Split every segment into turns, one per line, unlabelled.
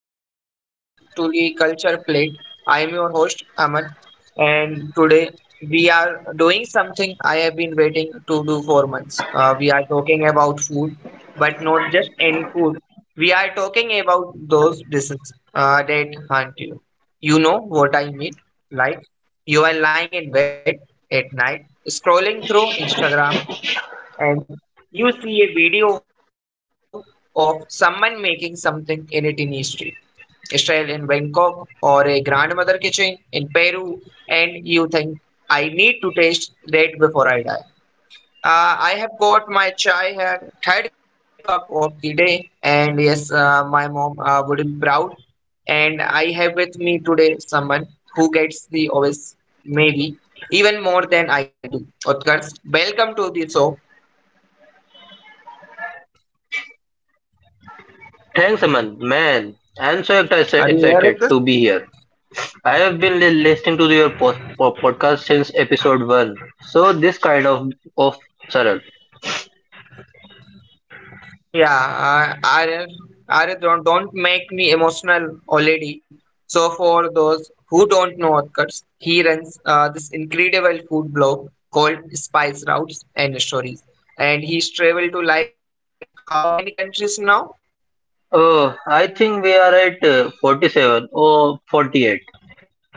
and welcome to the Culture Plate. I am your host Ahmad, and today we are doing something I have been waiting to do for months. We are talking about food, but not just any food. We are talking about those dishes that haunt you. You know what I mean? Like, you are lying in bed at night scrolling through Instagram, and you see a video of someone making something in it in street. Style in Bangkok or a grandmother kitchen in Peru, and you think, I need to taste that before I die. I have got my chai here, third cup of the day, and yes, my mom would be proud. And I have with me today someone who gets the always, maybe even more than I do. Utkarsh, welcome to the show.
Thanks, Aman. Man, I'm so
Are you here with us?
excited to be here. I have been listening to your podcast since episode one. So this kind of of Saral.
Yeah, I don't make me emotional already. So for those who don't know Utkarsh, he runs this incredible food blog called Spice Routes and Stories. And he's traveled to, like, how many countries now?
Oh, I think we are at 47 or 48,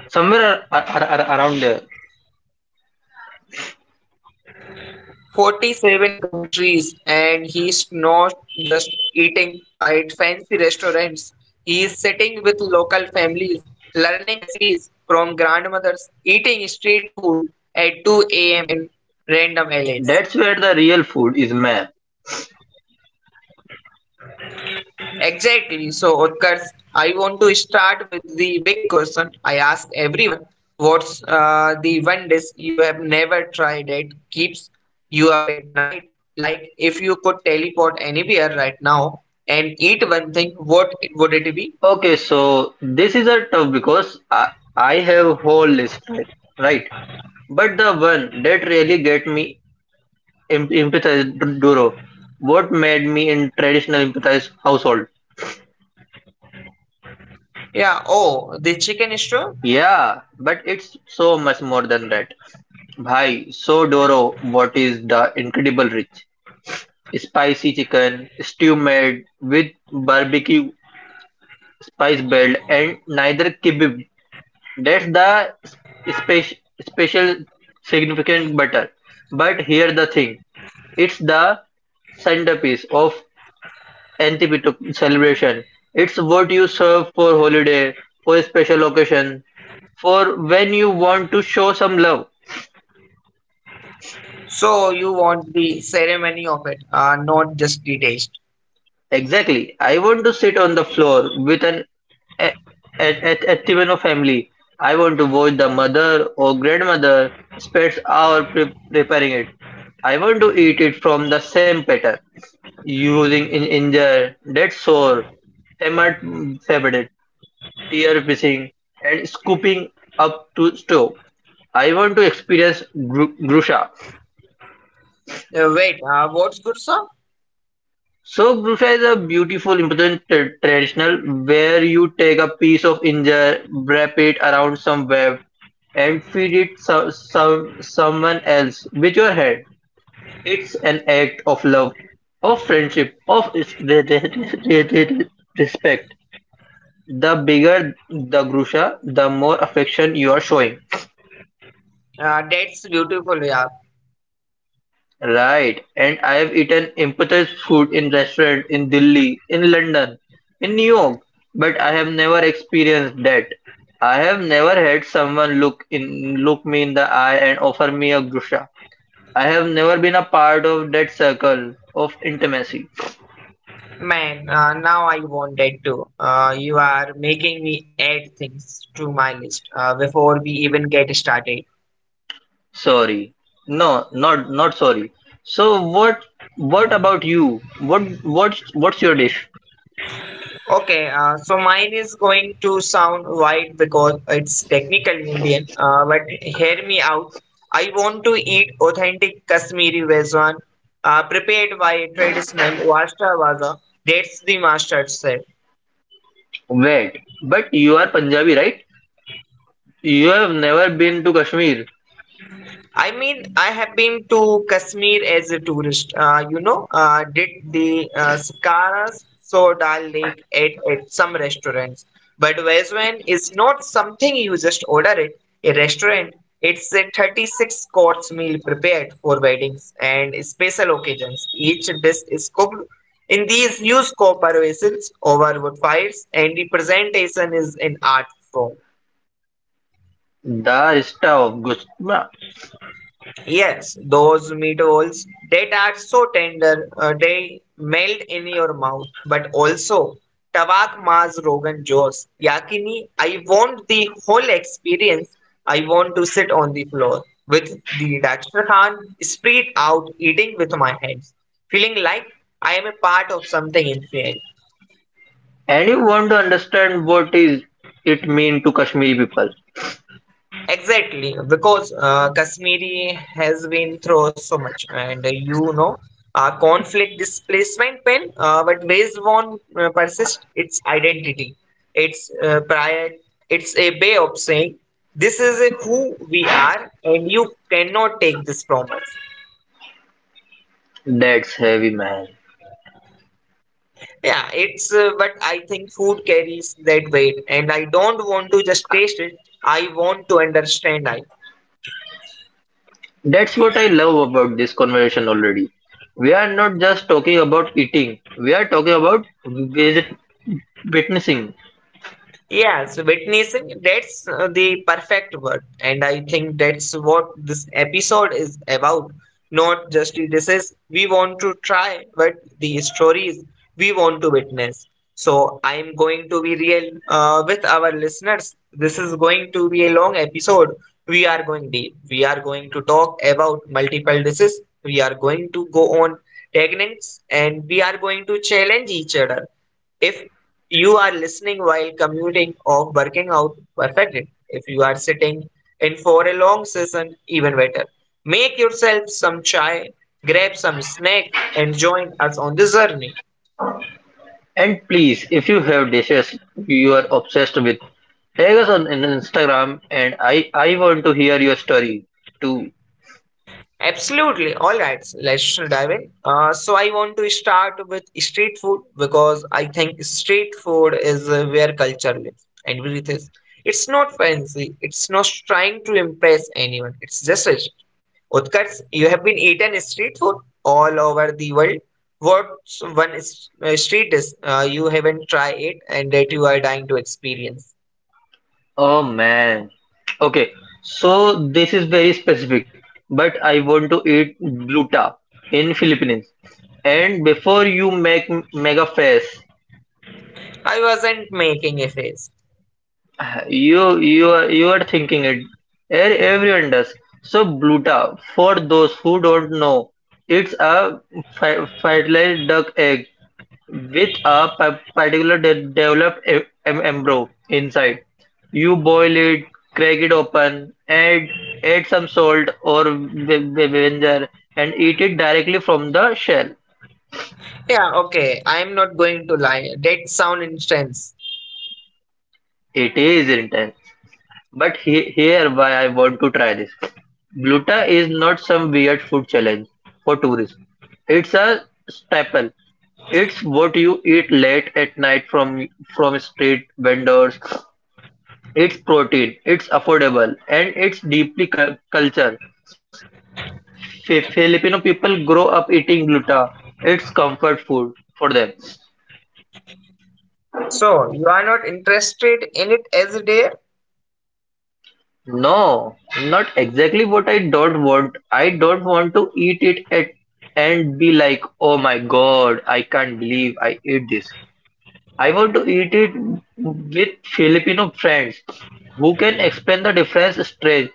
somewhere around there.
47 countries, and he's not just eating at fancy restaurants, he is sitting with local families, learning recipes from grandmothers, eating street food at 2 a.m. in random alleys.
That's where the real food is, man.
Exactly. So, Utkarsh, I want to start with the big question I ask everyone. What's the one dish you have never tried that keeps you up at night? Like, if you could teleport anywhere right now and eat one thing, what would it be?
Okay, so this is a tough because I have whole list, right? Right. But the one that really get me Empathize Duro. What made me in traditional empathize household?
Yeah, oh, the chicken straw.
Yeah, but it's so much more than that. Bhai, so Doro, what is the incredible rich? Spicy chicken, stew made with barbecue spice belt and neither kibib. That's the spe- special significant butter. But here the thing, it's the centerpiece of Antipyto celebration. It's what you serve for holiday, for a special occasion, for when you want to show some love.
So, you want the ceremony of it, not just the taste.
Exactly. I want to sit on the floor with an a- Activino family. I want to watch the mother or grandmother spends hour preparing it. I want to eat it from the same platter, using in injure, dead sore, hammered, favorite, tear pissing, and scooping up to stove. I want to experience Grusha.
Wait, what's good, sir?
So Grusha is a beautiful, important traditional where you take a piece of injera, wrap it around some web, and feed it someone else with your hand. It's an act of love, of friendship, of re- re- respect. The bigger the Grusha, the more affection you are showing.
That's beautiful, yeah.
Right, and I've eaten impetus food in restaurant in Delhi, in London, in New York, but I have never experienced that. I have never had someone look me in the eye and offer me a grusha. I have never been a part of that circle of intimacy.
Man, now I wanted to. You are making me add things to my list before we even get started.
Sorry. No, not sorry. So what about you? What's your dish?
Okay, so mine is going to sound wide because it's technically Indian, but hear me out. I want to eat authentic Kashmiri Vezwan prepared by traditional Vasta Vaza. That's the master chef.
Wait, but you are Punjabi, right? You have never been to Kashmir.
I mean, I have been to Kashmir as a tourist. You know, did the Sakaras so Dal Lake at some restaurants. But Vezwan is not something you just order it. A restaurant, it's a 36 course meal prepared for weddings and special occasions. Each dish is cooked in these huge copper vessels over wood fires, and the presentation is an art form.
The Rishta of Gush.
Yes, those meatballs that are so tender, they melt in your mouth. But also, tabak Maz Rogan Josh, Yakini, I want the whole experience. I want to sit on the floor with the Dastakhan spread out, eating with my hands, feeling like I am a part of something in fair.
Anyone to understand what is it mean to Kashmiri people?
Exactly, because Kashmiri has been through so much, and you know, conflict, displacement, pain, but ways one persist its identity, its pride, it's a way of saying this is a who we are, and you cannot take this from us.
That's heavy, man.
Yeah, it's but I think food carries that weight, and I don't want to just taste it. I want to understand. I
That's what I love about this conversation already. We are not just talking about eating. We are talking about witnessing.
Yes, witnessing, that's the perfect word. And I think that's what this episode is about. Not just it says we want to try, but the stories we want to witness. So I'm going to be real with our listeners. This is going to be a long episode. We are going deep. We are going to talk about multiple diseases. We are going to go on tangents, and we are going to challenge each other. If you are listening while commuting or working out, perfectly. If you are sitting in for a long session, even better. Make yourself some chai, grab some snacks, and join us on this journey.
And please, if you have dishes you are obsessed with, tag us on Instagram, and I want to hear your story too.
Absolutely. All right. Let's dive in. So I want to start with street food because I think street food is where culture lives and breathes. Is. It's not fancy. It's not trying to impress anyone. It's just a Utkarsh, you have been eaten street food all over the world. What's one street is you haven't tried it and that you are dying to experience?
Oh man. Okay, so this is very specific, but I want to eat gluta in Philippines. And before you make mega face,
I wasn't making a face.
you are thinking it. Everyone does. So gluta, for those who don't know, it's a fertilized duck egg with a particular developed embryo inside. You boil it, crack it open, add some salt or vinegar, and eat it directly from the shell.
Yeah, okay. I'm not going to lie. That sound intense.
It is intense, but here why I want to try this. Gluta is not some weird food challenge for tourists. It's a staple. It's what you eat late at night from street vendors. It's protein, it's affordable, and it's deeply cultured. Filipino people grow up eating gluta. It's comfort food for them.
So you are not interested in it as a dare?
No, not exactly what I don't want. I don't want to eat it at and be like, oh my god, I can't believe I ate this. I want to eat it with Filipino friends who can explain the difference straight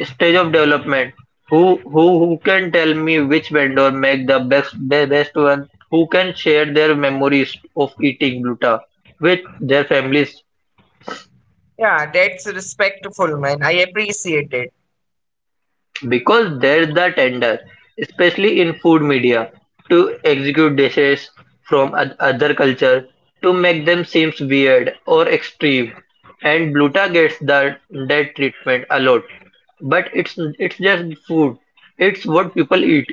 stage of development. Who can tell me which vendor make the best one? Who can share their memories of eating gluta with their families?
Yeah, that's respectful, man. I appreciate it.
Because they're the tender, especially in food media, to execute dishes from other culture to make them seems weird or extreme. And gluta gets that treatment a lot. But it's just food. It's what people eat.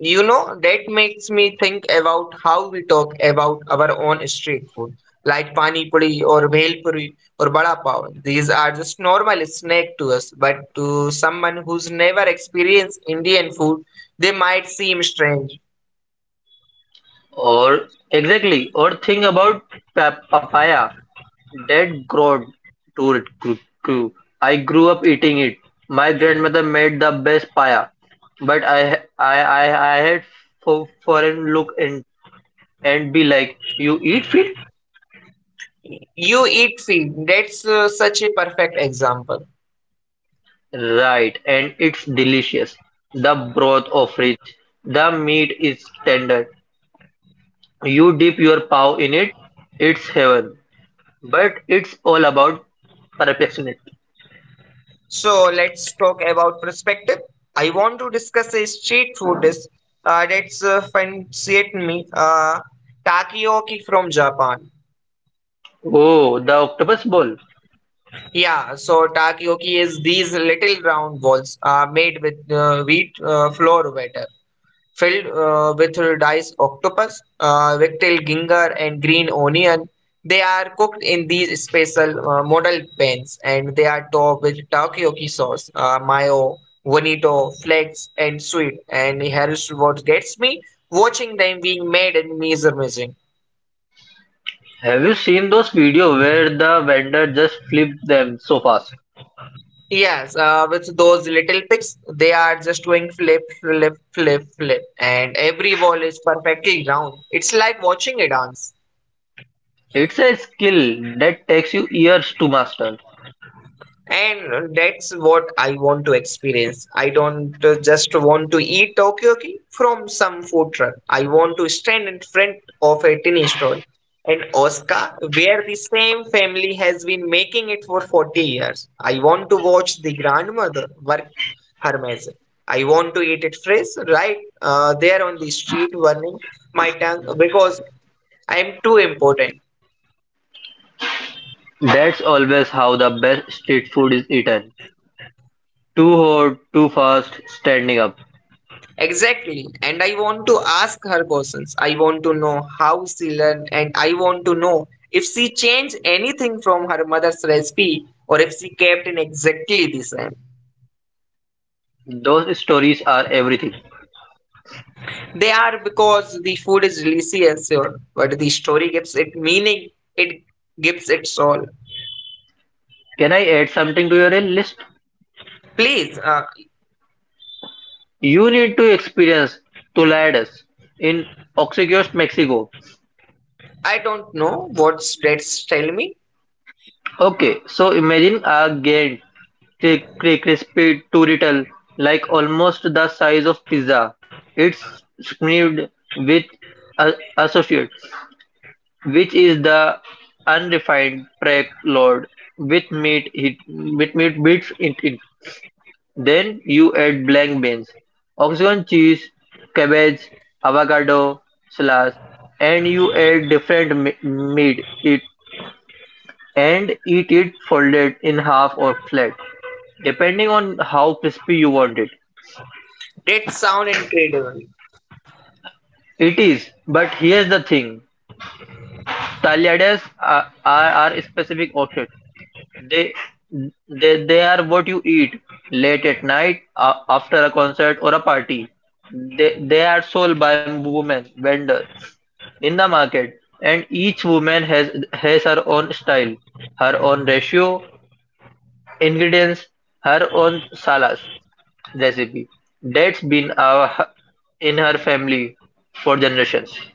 You know, that makes me think about how we talk about our own street food, like pani puri or bhel puri or bada pav. These are just normal snack to us, but to someone who's never experienced Indian food, they might seem strange.
Or exactly, or think about papaya. Dad growed to it grew. I grew up eating it. My grandmother made the best paya, but I had for foreign look and be like, you eat fish,
You eat feet. That's such a perfect example.
right? And it's delicious. The broth of rich. The meat is tender. You dip your paw in it. It's heaven. But it's all about perfectionism.
So let's talk about perspective. I want to discuss a street food dish that's fancied me, takoyaki from Japan.
Oh, the octopus ball.
Yeah, so takoyaki is these little round balls made with wheat flour batter. Filled with diced octopus, rectal ginger, and green onion. They are cooked in these special model pans, and they are topped with takoyaki sauce, mayo, bonito, flakes, and sweet. And here's what gets me watching them being made, and me is amazing.
Have you seen those videos where the vendor just flips them so fast?
Yes, with those little pigs, they are just doing flip, flip, flip, flip, and every ball is perfectly round. It's like watching a dance.
It's a skill that takes you years to master.
And that's what I want to experience. I don't just want to eat takoyaki from some food truck. I want to stand in front of a tiny stall in Osaka, where the same family has been making it for 40 years. I want to watch the grandmother work her magic. I want to eat it fresh, right there on the street, burning my tongue because I am too important.
That's always how the best street food is eaten. Too hot, too fast, standing up.
Exactly. And I want to ask her questions. I want to know how she learned, and I want to know if she changed anything from her mother's recipe or if she kept in exactly the same.
Those stories are everything.
They are because the food is delicious, sure, but the story gives it meaning, it gives it soul.
Can I add something to your list?
Please,
You need to experience Toladas in Oxycos, Mexico.
I don't know what that's tell me.
Okay, so imagine a gantt thick, crispy turitle, like almost the size of pizza. It's smeared with associate, which is the unrefined prep load with meat bits in it. Then you add blank beans, oxygen cheese, cabbage, avocado slash, and you add different meat it and eat it folded in half or flat, depending on how crispy you want it.
That sound incredible.
It is, but here's the thing: Thaliadae are a specific orchid. They, they are what you eat late at night after a concert or a party. They are sold by women vendors in the market, and each woman has her own style, her own ratio, ingredients, her own salas recipe that's been our, in her family for generations.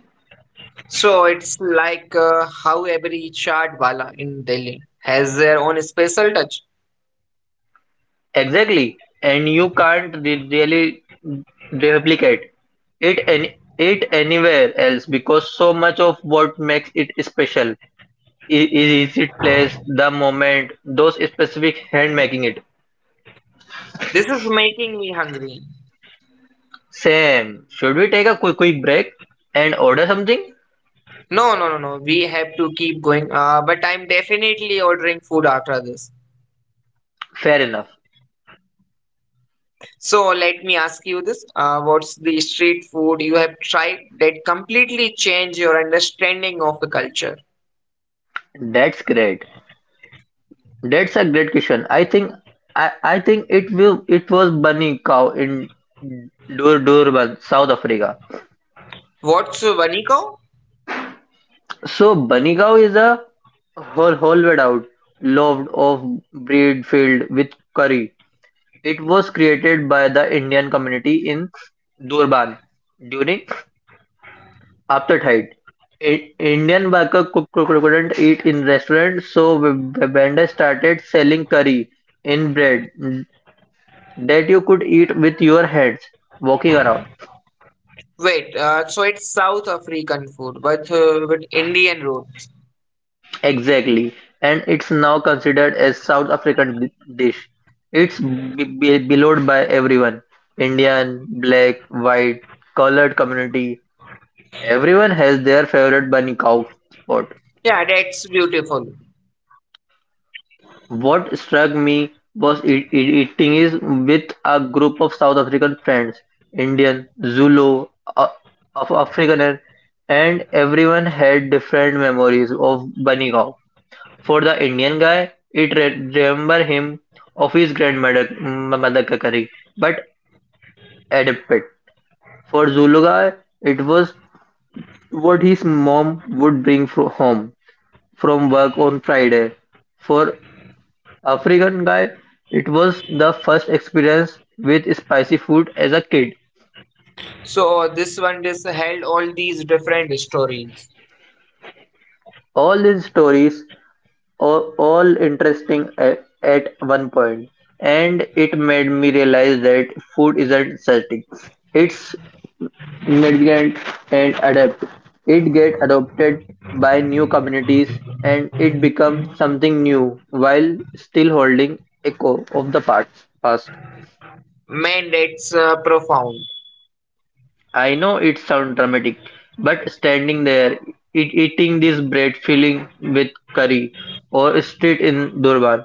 So it's like how every chaat wala in Delhi has their own special touch.
Exactly, and you can't really replicate it anywhere else because so much of what makes it special is its place, the moment, those specific hand making it.
This is making me hungry.
Sam, should we take a quick break and order something?
No, no, no, no. We have to keep going. But I'm definitely ordering food after this.
Fair enough.
So let me ask you this: what's the street food you have tried that completely changed your understanding of the culture?
That's great. That's a great question. I think it will it was bunny cow in Durban, South Africa.
What's vaniko?
So Bunnigow is a whole hollow-out loved of bread filled with curry. It was created by the Indian community in Durban during apartheid. Indian workers couldn't eat in restaurants, so vendors started selling curry in bread that you could eat with your hands walking around.
Wait, so it's South African food, but with Indian roots.
Exactly, and it's now considered a South African dish. It's beloved by everyone, Indian, black, white, colored community. Everyone has their favorite bunny cow spot.
Yeah, that's beautiful.
What struck me was eating is with a group of South African friends, Indian, Zulu, uh, of Afrikaner, and everyone had different memories of bunny cow. For the Indian guy, it remembers him of his grandmother mother' Madakari, but adapted. For Zulu guy, it was what his mom would bring home from work on Friday. For African guy, it was the first experience with spicy food as a kid.
So this one just held all these different stories.
All these stories are all interesting at one point, and it made me realize that food isn't static. It's migrate and adapt. It get adopted by new communities and it becomes something new while still holding echo of the past.
Man, that's profound.
I know it sounds dramatic, but standing there, eating this bread filling with curry or street in Durban,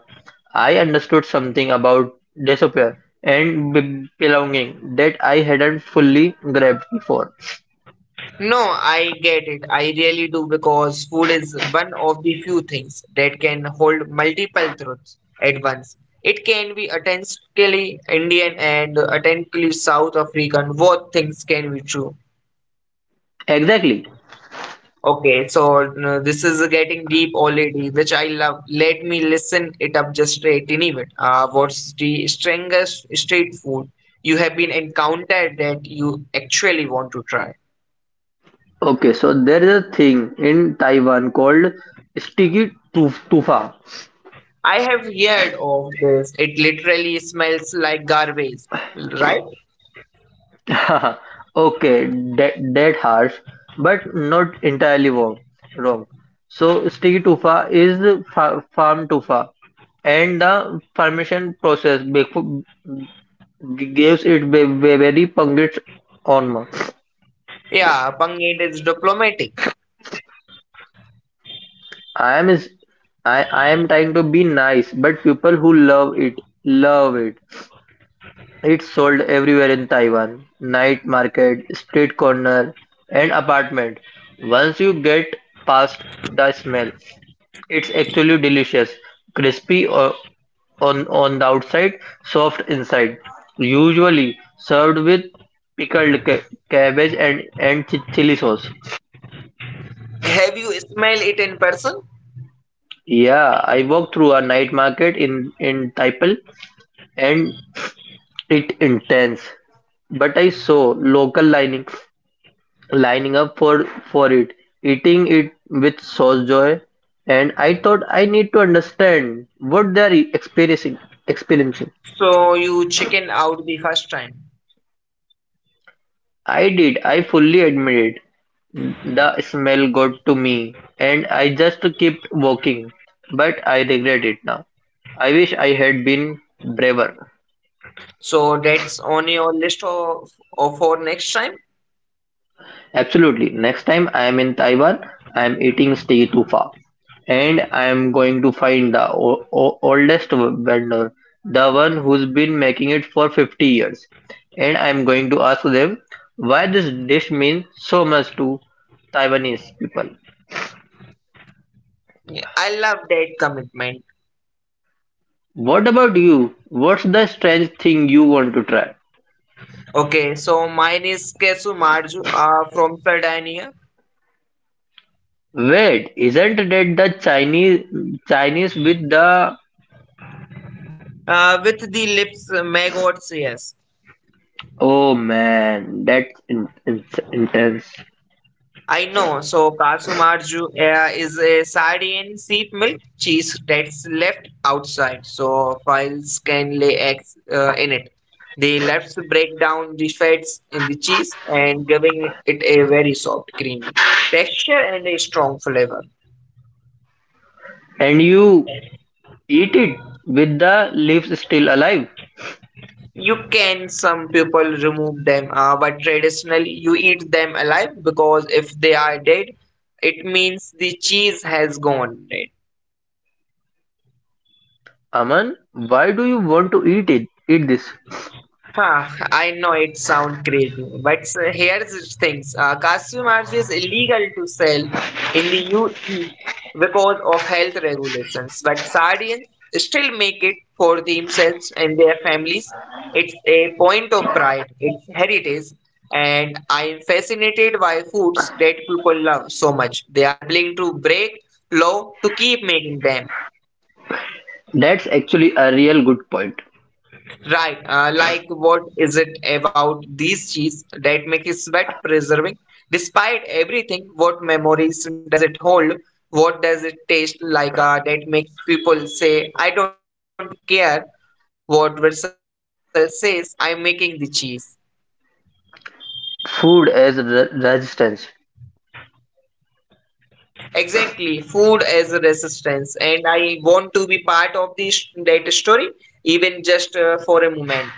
I understood something about disappear and belonging that I hadn't fully grabbed before.
No, I get it. I really do because food is one of the few things that can hold multiple truths at once. It can be authentically Indian and authentically South African. Both things can be true.
Exactly.
Okay, so this is getting deep already, which I love. Let me listen it up just a tiny bit. What's the strangest street food you have been encountered that you actually want to try?
Okay, so there is a thing in Taiwan called sticky tu tufa.
I have heard of this. It literally smells like garbage, right?
Okay, that harsh, but not entirely wrong. Wrong. So sticky tufa is the farm tufa, and the fermentation process gives it very pungent aroma.
Yeah, Panget is diplomatic.
I am is I am trying to be nice, but people who love it love it. It's sold everywhere in Taiwan: night market, street corner, and apartment. Once you get past the smell, it's actually delicious. Crispy on the outside, soft inside. Usually served with pickled cabbage and chili sauce.
Have you smelled it in person?
Yeah, I walked through a night market in Taipei and it intense. But I saw local lining up for it, eating it with sauce joy, and I thought I need to understand what they are experiencing. Experiencing,
So you chicken out the first time.
I did. I fully admit it. The smell got to me, and I just kept walking. But I regret it now. I wish I had been braver.
So that's on your list of for next time.
Absolutely. Next time I am in Taiwan, I am eating Stay Tufa and I am going to find the oldest vendor, the one who's been making it for 50 years. And I am going to ask them why this dish means so much to Taiwanese people.
Yeah, I love that commitment.
What about you? What's the strange thing you want to try?
Okay, so mine is Kesu Marju from Sardinia
Wait, isn't that the Chinese with the?
with the lips maggots. Yes,
Oh man, that's intense.
I know. So Kasu Marju is a Sardinian sheep milk cheese that's left outside, so fowls can lay eggs in it. The lefts break down the fats in the cheese and giving it a very soft, creamy texture and a strong flavor.
And you eat it with the leaves still alive.
You can, some people remove them, but traditionally you eat them alive because if they are dead, it means the cheese has gone dead.
Aman, why do you want to eat it? Eat This.
Huh, I know it sounds crazy, but here's the things. Cashew nuts is illegal to sell in the UE because of health regulations, but Sardians still make it for themselves and their families. It's a point of pride, it's heritage, and I'm fascinated by foods that people love so much. They are willing to break law to keep making them.
That's actually a real good point.
Right. Like, what is it about these cheese that make you sweat preserving? Despite everything, what memories does it hold? What does it taste like that makes people say, I don't care what Versal says, I'm making the cheese?
Food as resistance.
Exactly. Food as a resistance. And I want to be part of this that story, even just for a moment.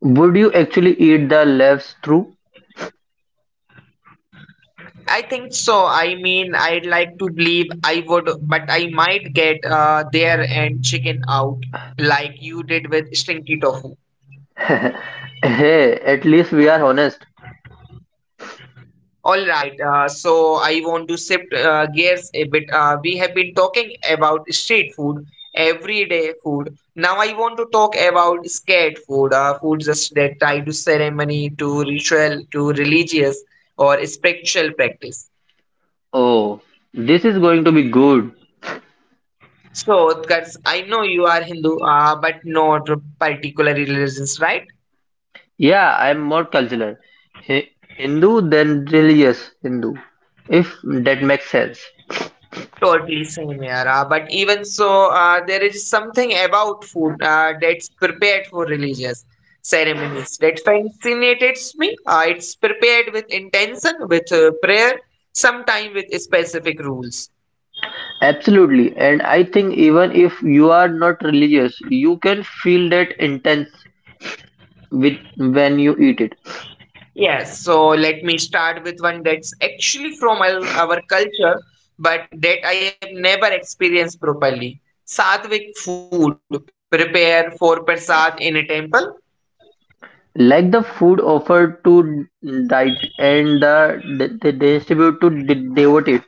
Would you actually eat the leaves through?
I think so. I mean, I'd like to believe I would, but I might get there and chicken out like you did with stinky tofu.
Hey, at least we are honest.
All right, so I want to shift gears a bit. We have been talking about street food, everyday food. Now I want to talk about scared food, foods just that tied to ceremony, to ritual, to religious or spiritual practice.
Oh, this is going to be good.
So, Utkarsh, I know you are Hindu, but not particular religions, right?
Yeah, I am more cultural. Hi- Hindu than religious Hindu, if that makes sense.
Totally same here. But even so, there is something about food that's prepared for religious ceremonies that fascinates me. It's prepared with intention, with prayer, sometime with specific rules.
Absolutely. And I think even if you are not religious, you can feel that intense with when you eat it.
Yes, so let me start with one that's actually from our culture, but that I have never experienced properly. Sattvic food prepared for prasad in a temple.
Like the food offered to diet and distribute to devotees.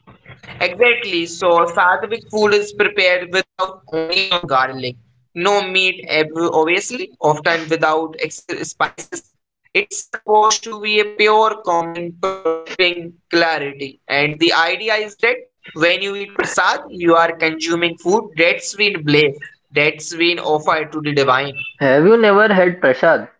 Exactly. So Sattvic food is prepared without onion or garlic. No meat, obviously, often without ex spices. It's supposed to be a pure calming, promoting clarity. And the idea is that when you eat prasad, you are consuming food that's been blessed, that's been offered to the divine.
Have you never had prasad?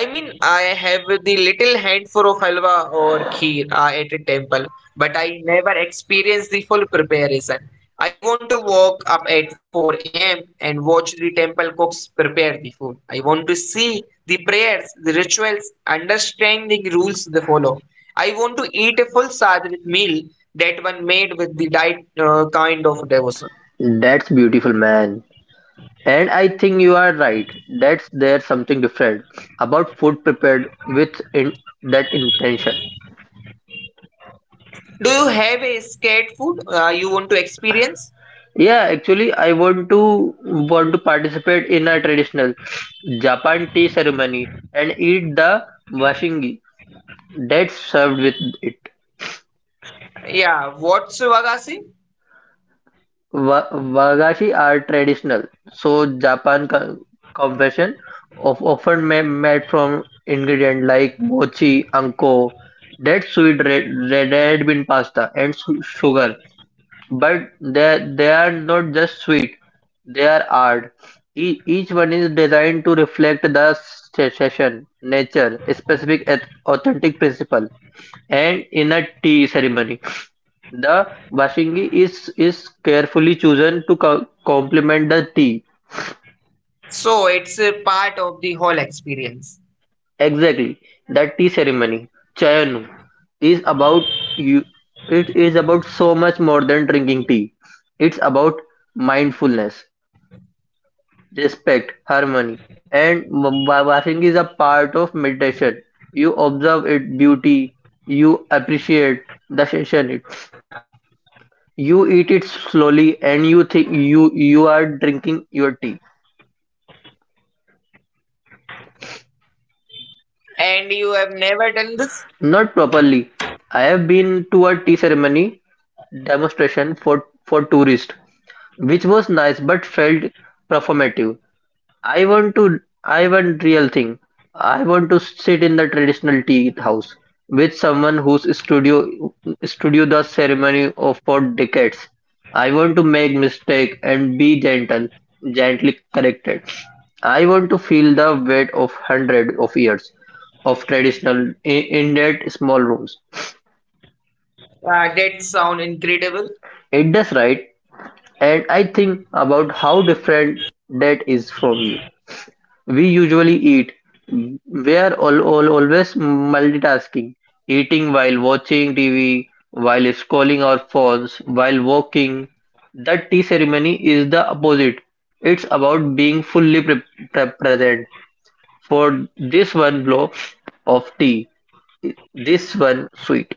I mean, I have the little handful of halwa or kheer at a temple, but I never experienced the full preparation. I want to walk up at 4 a.m. and watch the temple cooks prepare the food. I want to see the prayers, the rituals, understanding rules they follow. I want to eat a full sadhvik meal that one made with the right kind of devotion.
That's beautiful, man. And I think you are right. That's there's something different about food prepared with that intention.
Do you have a scared food you want to experience?
Yeah, actually, I want to participate in a traditional Japan tea ceremony and eat the washingi that's served with it.
Yeah, what's Vagasi?
Wagashi are traditional, so Japan confession of often made from ingredient like mochi, anko, that sweet red bean pasta, and sugar. But they are not just sweet; they are art. Each one is designed to reflect the session, nature, specific authentic principle. And in a tea ceremony, the washingi is carefully chosen to complement the tea.
So it's a part of the whole experience.
Exactly, that tea ceremony, chayanu, is about you. It is about so much more than drinking tea. It's about mindfulness respect, harmony, and Basing is a part of meditation. You observe its beauty, you appreciate the sensation. It. You eat it slowly, and you think you are drinking your tea
And you have never done this?
not properly. I have been to a tea ceremony demonstration for tourists, which was nice but felt performative. I want real thing. I want to sit in the traditional tea house with someone whose studio the ceremony of for decades. I want to make mistake and be gently corrected. I want to feel the weight of hundred of years of traditional in that small rooms.
That sound incredible.
It does right, and I think about how different that is from you. We usually eat. We're all always multitasking, eating while watching TV, while scrolling our phones, while walking. That tea ceremony is the opposite. It's about being fully present for this one blow of tea, this one sweet.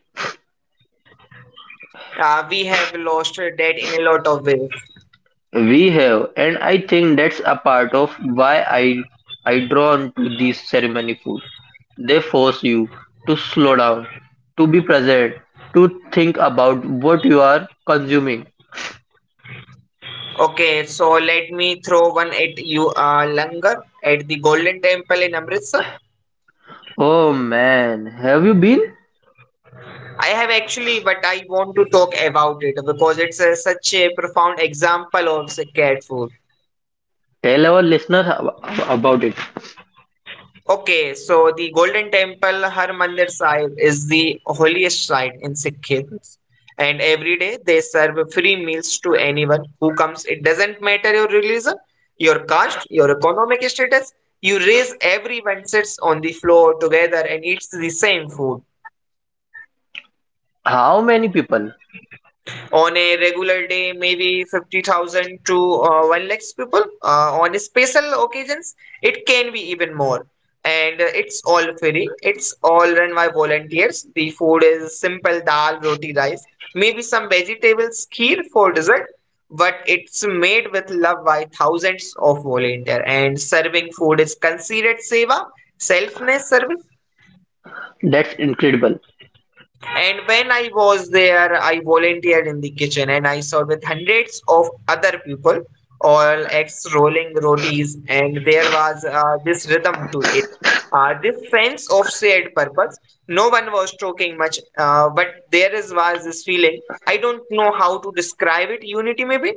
We have lost that in a lot of ways.
We have, and I think that's a part of why I drawn to this ceremony food. They force you to slow down, to be present, to think about what you are consuming.
Okay, so let me throw one at you, Langar, at the Golden Temple in Amritsar.
Oh man, have you been?
I have actually, but I want to talk about it because it's such a profound example of the cat food.
Tell our listeners about it.
Okay, so the Golden Temple Harmandir Sahib is the holiest site in Sikhism, and every day they serve free meals to anyone who comes. It doesn't matter your religion, your caste, your economic status. You raise everyone sits on the floor together and eats the same food.
How many people?
On a regular day, maybe 50,000 to 1 lakhs people. On special occasions, it can be even more. And it's all free. It's all run by volunteers. The food is simple dal, roti, rice, maybe some vegetables, kheer for dessert. But it's made with love by thousands of volunteers. And serving food is considered seva, selfless service.
That's incredible.
And when I was there, I volunteered in the kitchen and I saw with hundreds of other people, all ex rolling rotis, and there was this rhythm to it. This sense of shared purpose. No one was talking much, but there is was this feeling. I don't know how to describe it. Unity, maybe.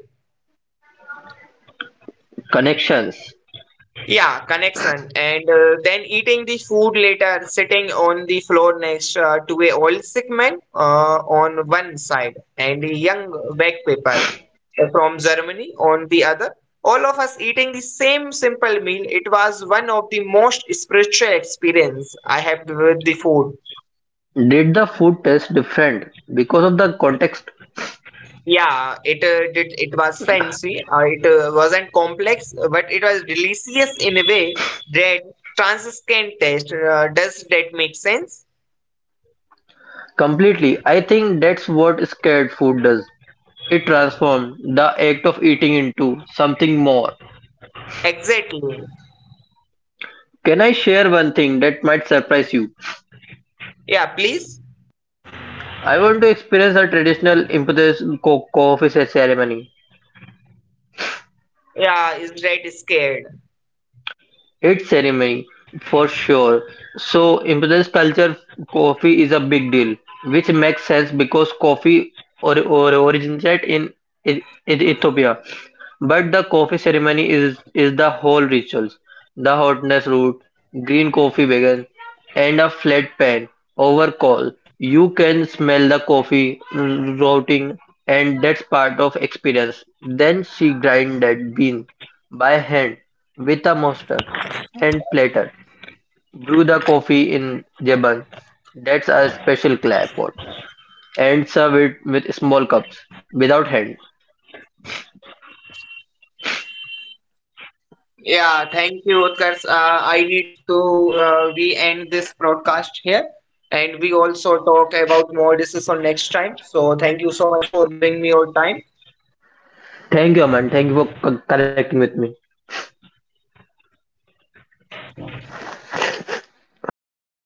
Connections.
Yeah, connection. And then eating the food later, sitting on the floor next to a old sick man on one side and a young backpacker paper from Germany on the other. All of us eating the same simple meal. It was one of the most spiritual experience I had with the food.
Did the food taste different because of the context?
Yeah, it did. It was fancy. It wasn't complex, but it was delicious in a way that transcendent taste. Does that make sense?
Completely. I think that's what scared food does. It transforms the act of eating into something more.
Exactly.
Can I share one thing that might surprise you?
Yeah, please.
I want to experience a traditional Imputus coffee ceremony.
Yeah, is that scared?
It's ceremony for sure. So in Indian culture, coffee is a big deal, which makes sense because coffee or originated in E- Ethiopia. But the coffee ceremony is the whole rituals, the hotness root, green coffee began, and a flat pan over coal. You can smell the coffee rotting, and that's part of experience. Then she grind that bean by hand with a monster and platter. Brew the coffee in Jebun, that's a special clay pot, and serve it with small cups without hand.
Yeah, thank you, Utkarsh. I need to we end this broadcast here, and we also talk about more decision next time. So thank you so much for giving me your time.
Thank you, Aman. Thank you for connecting with me.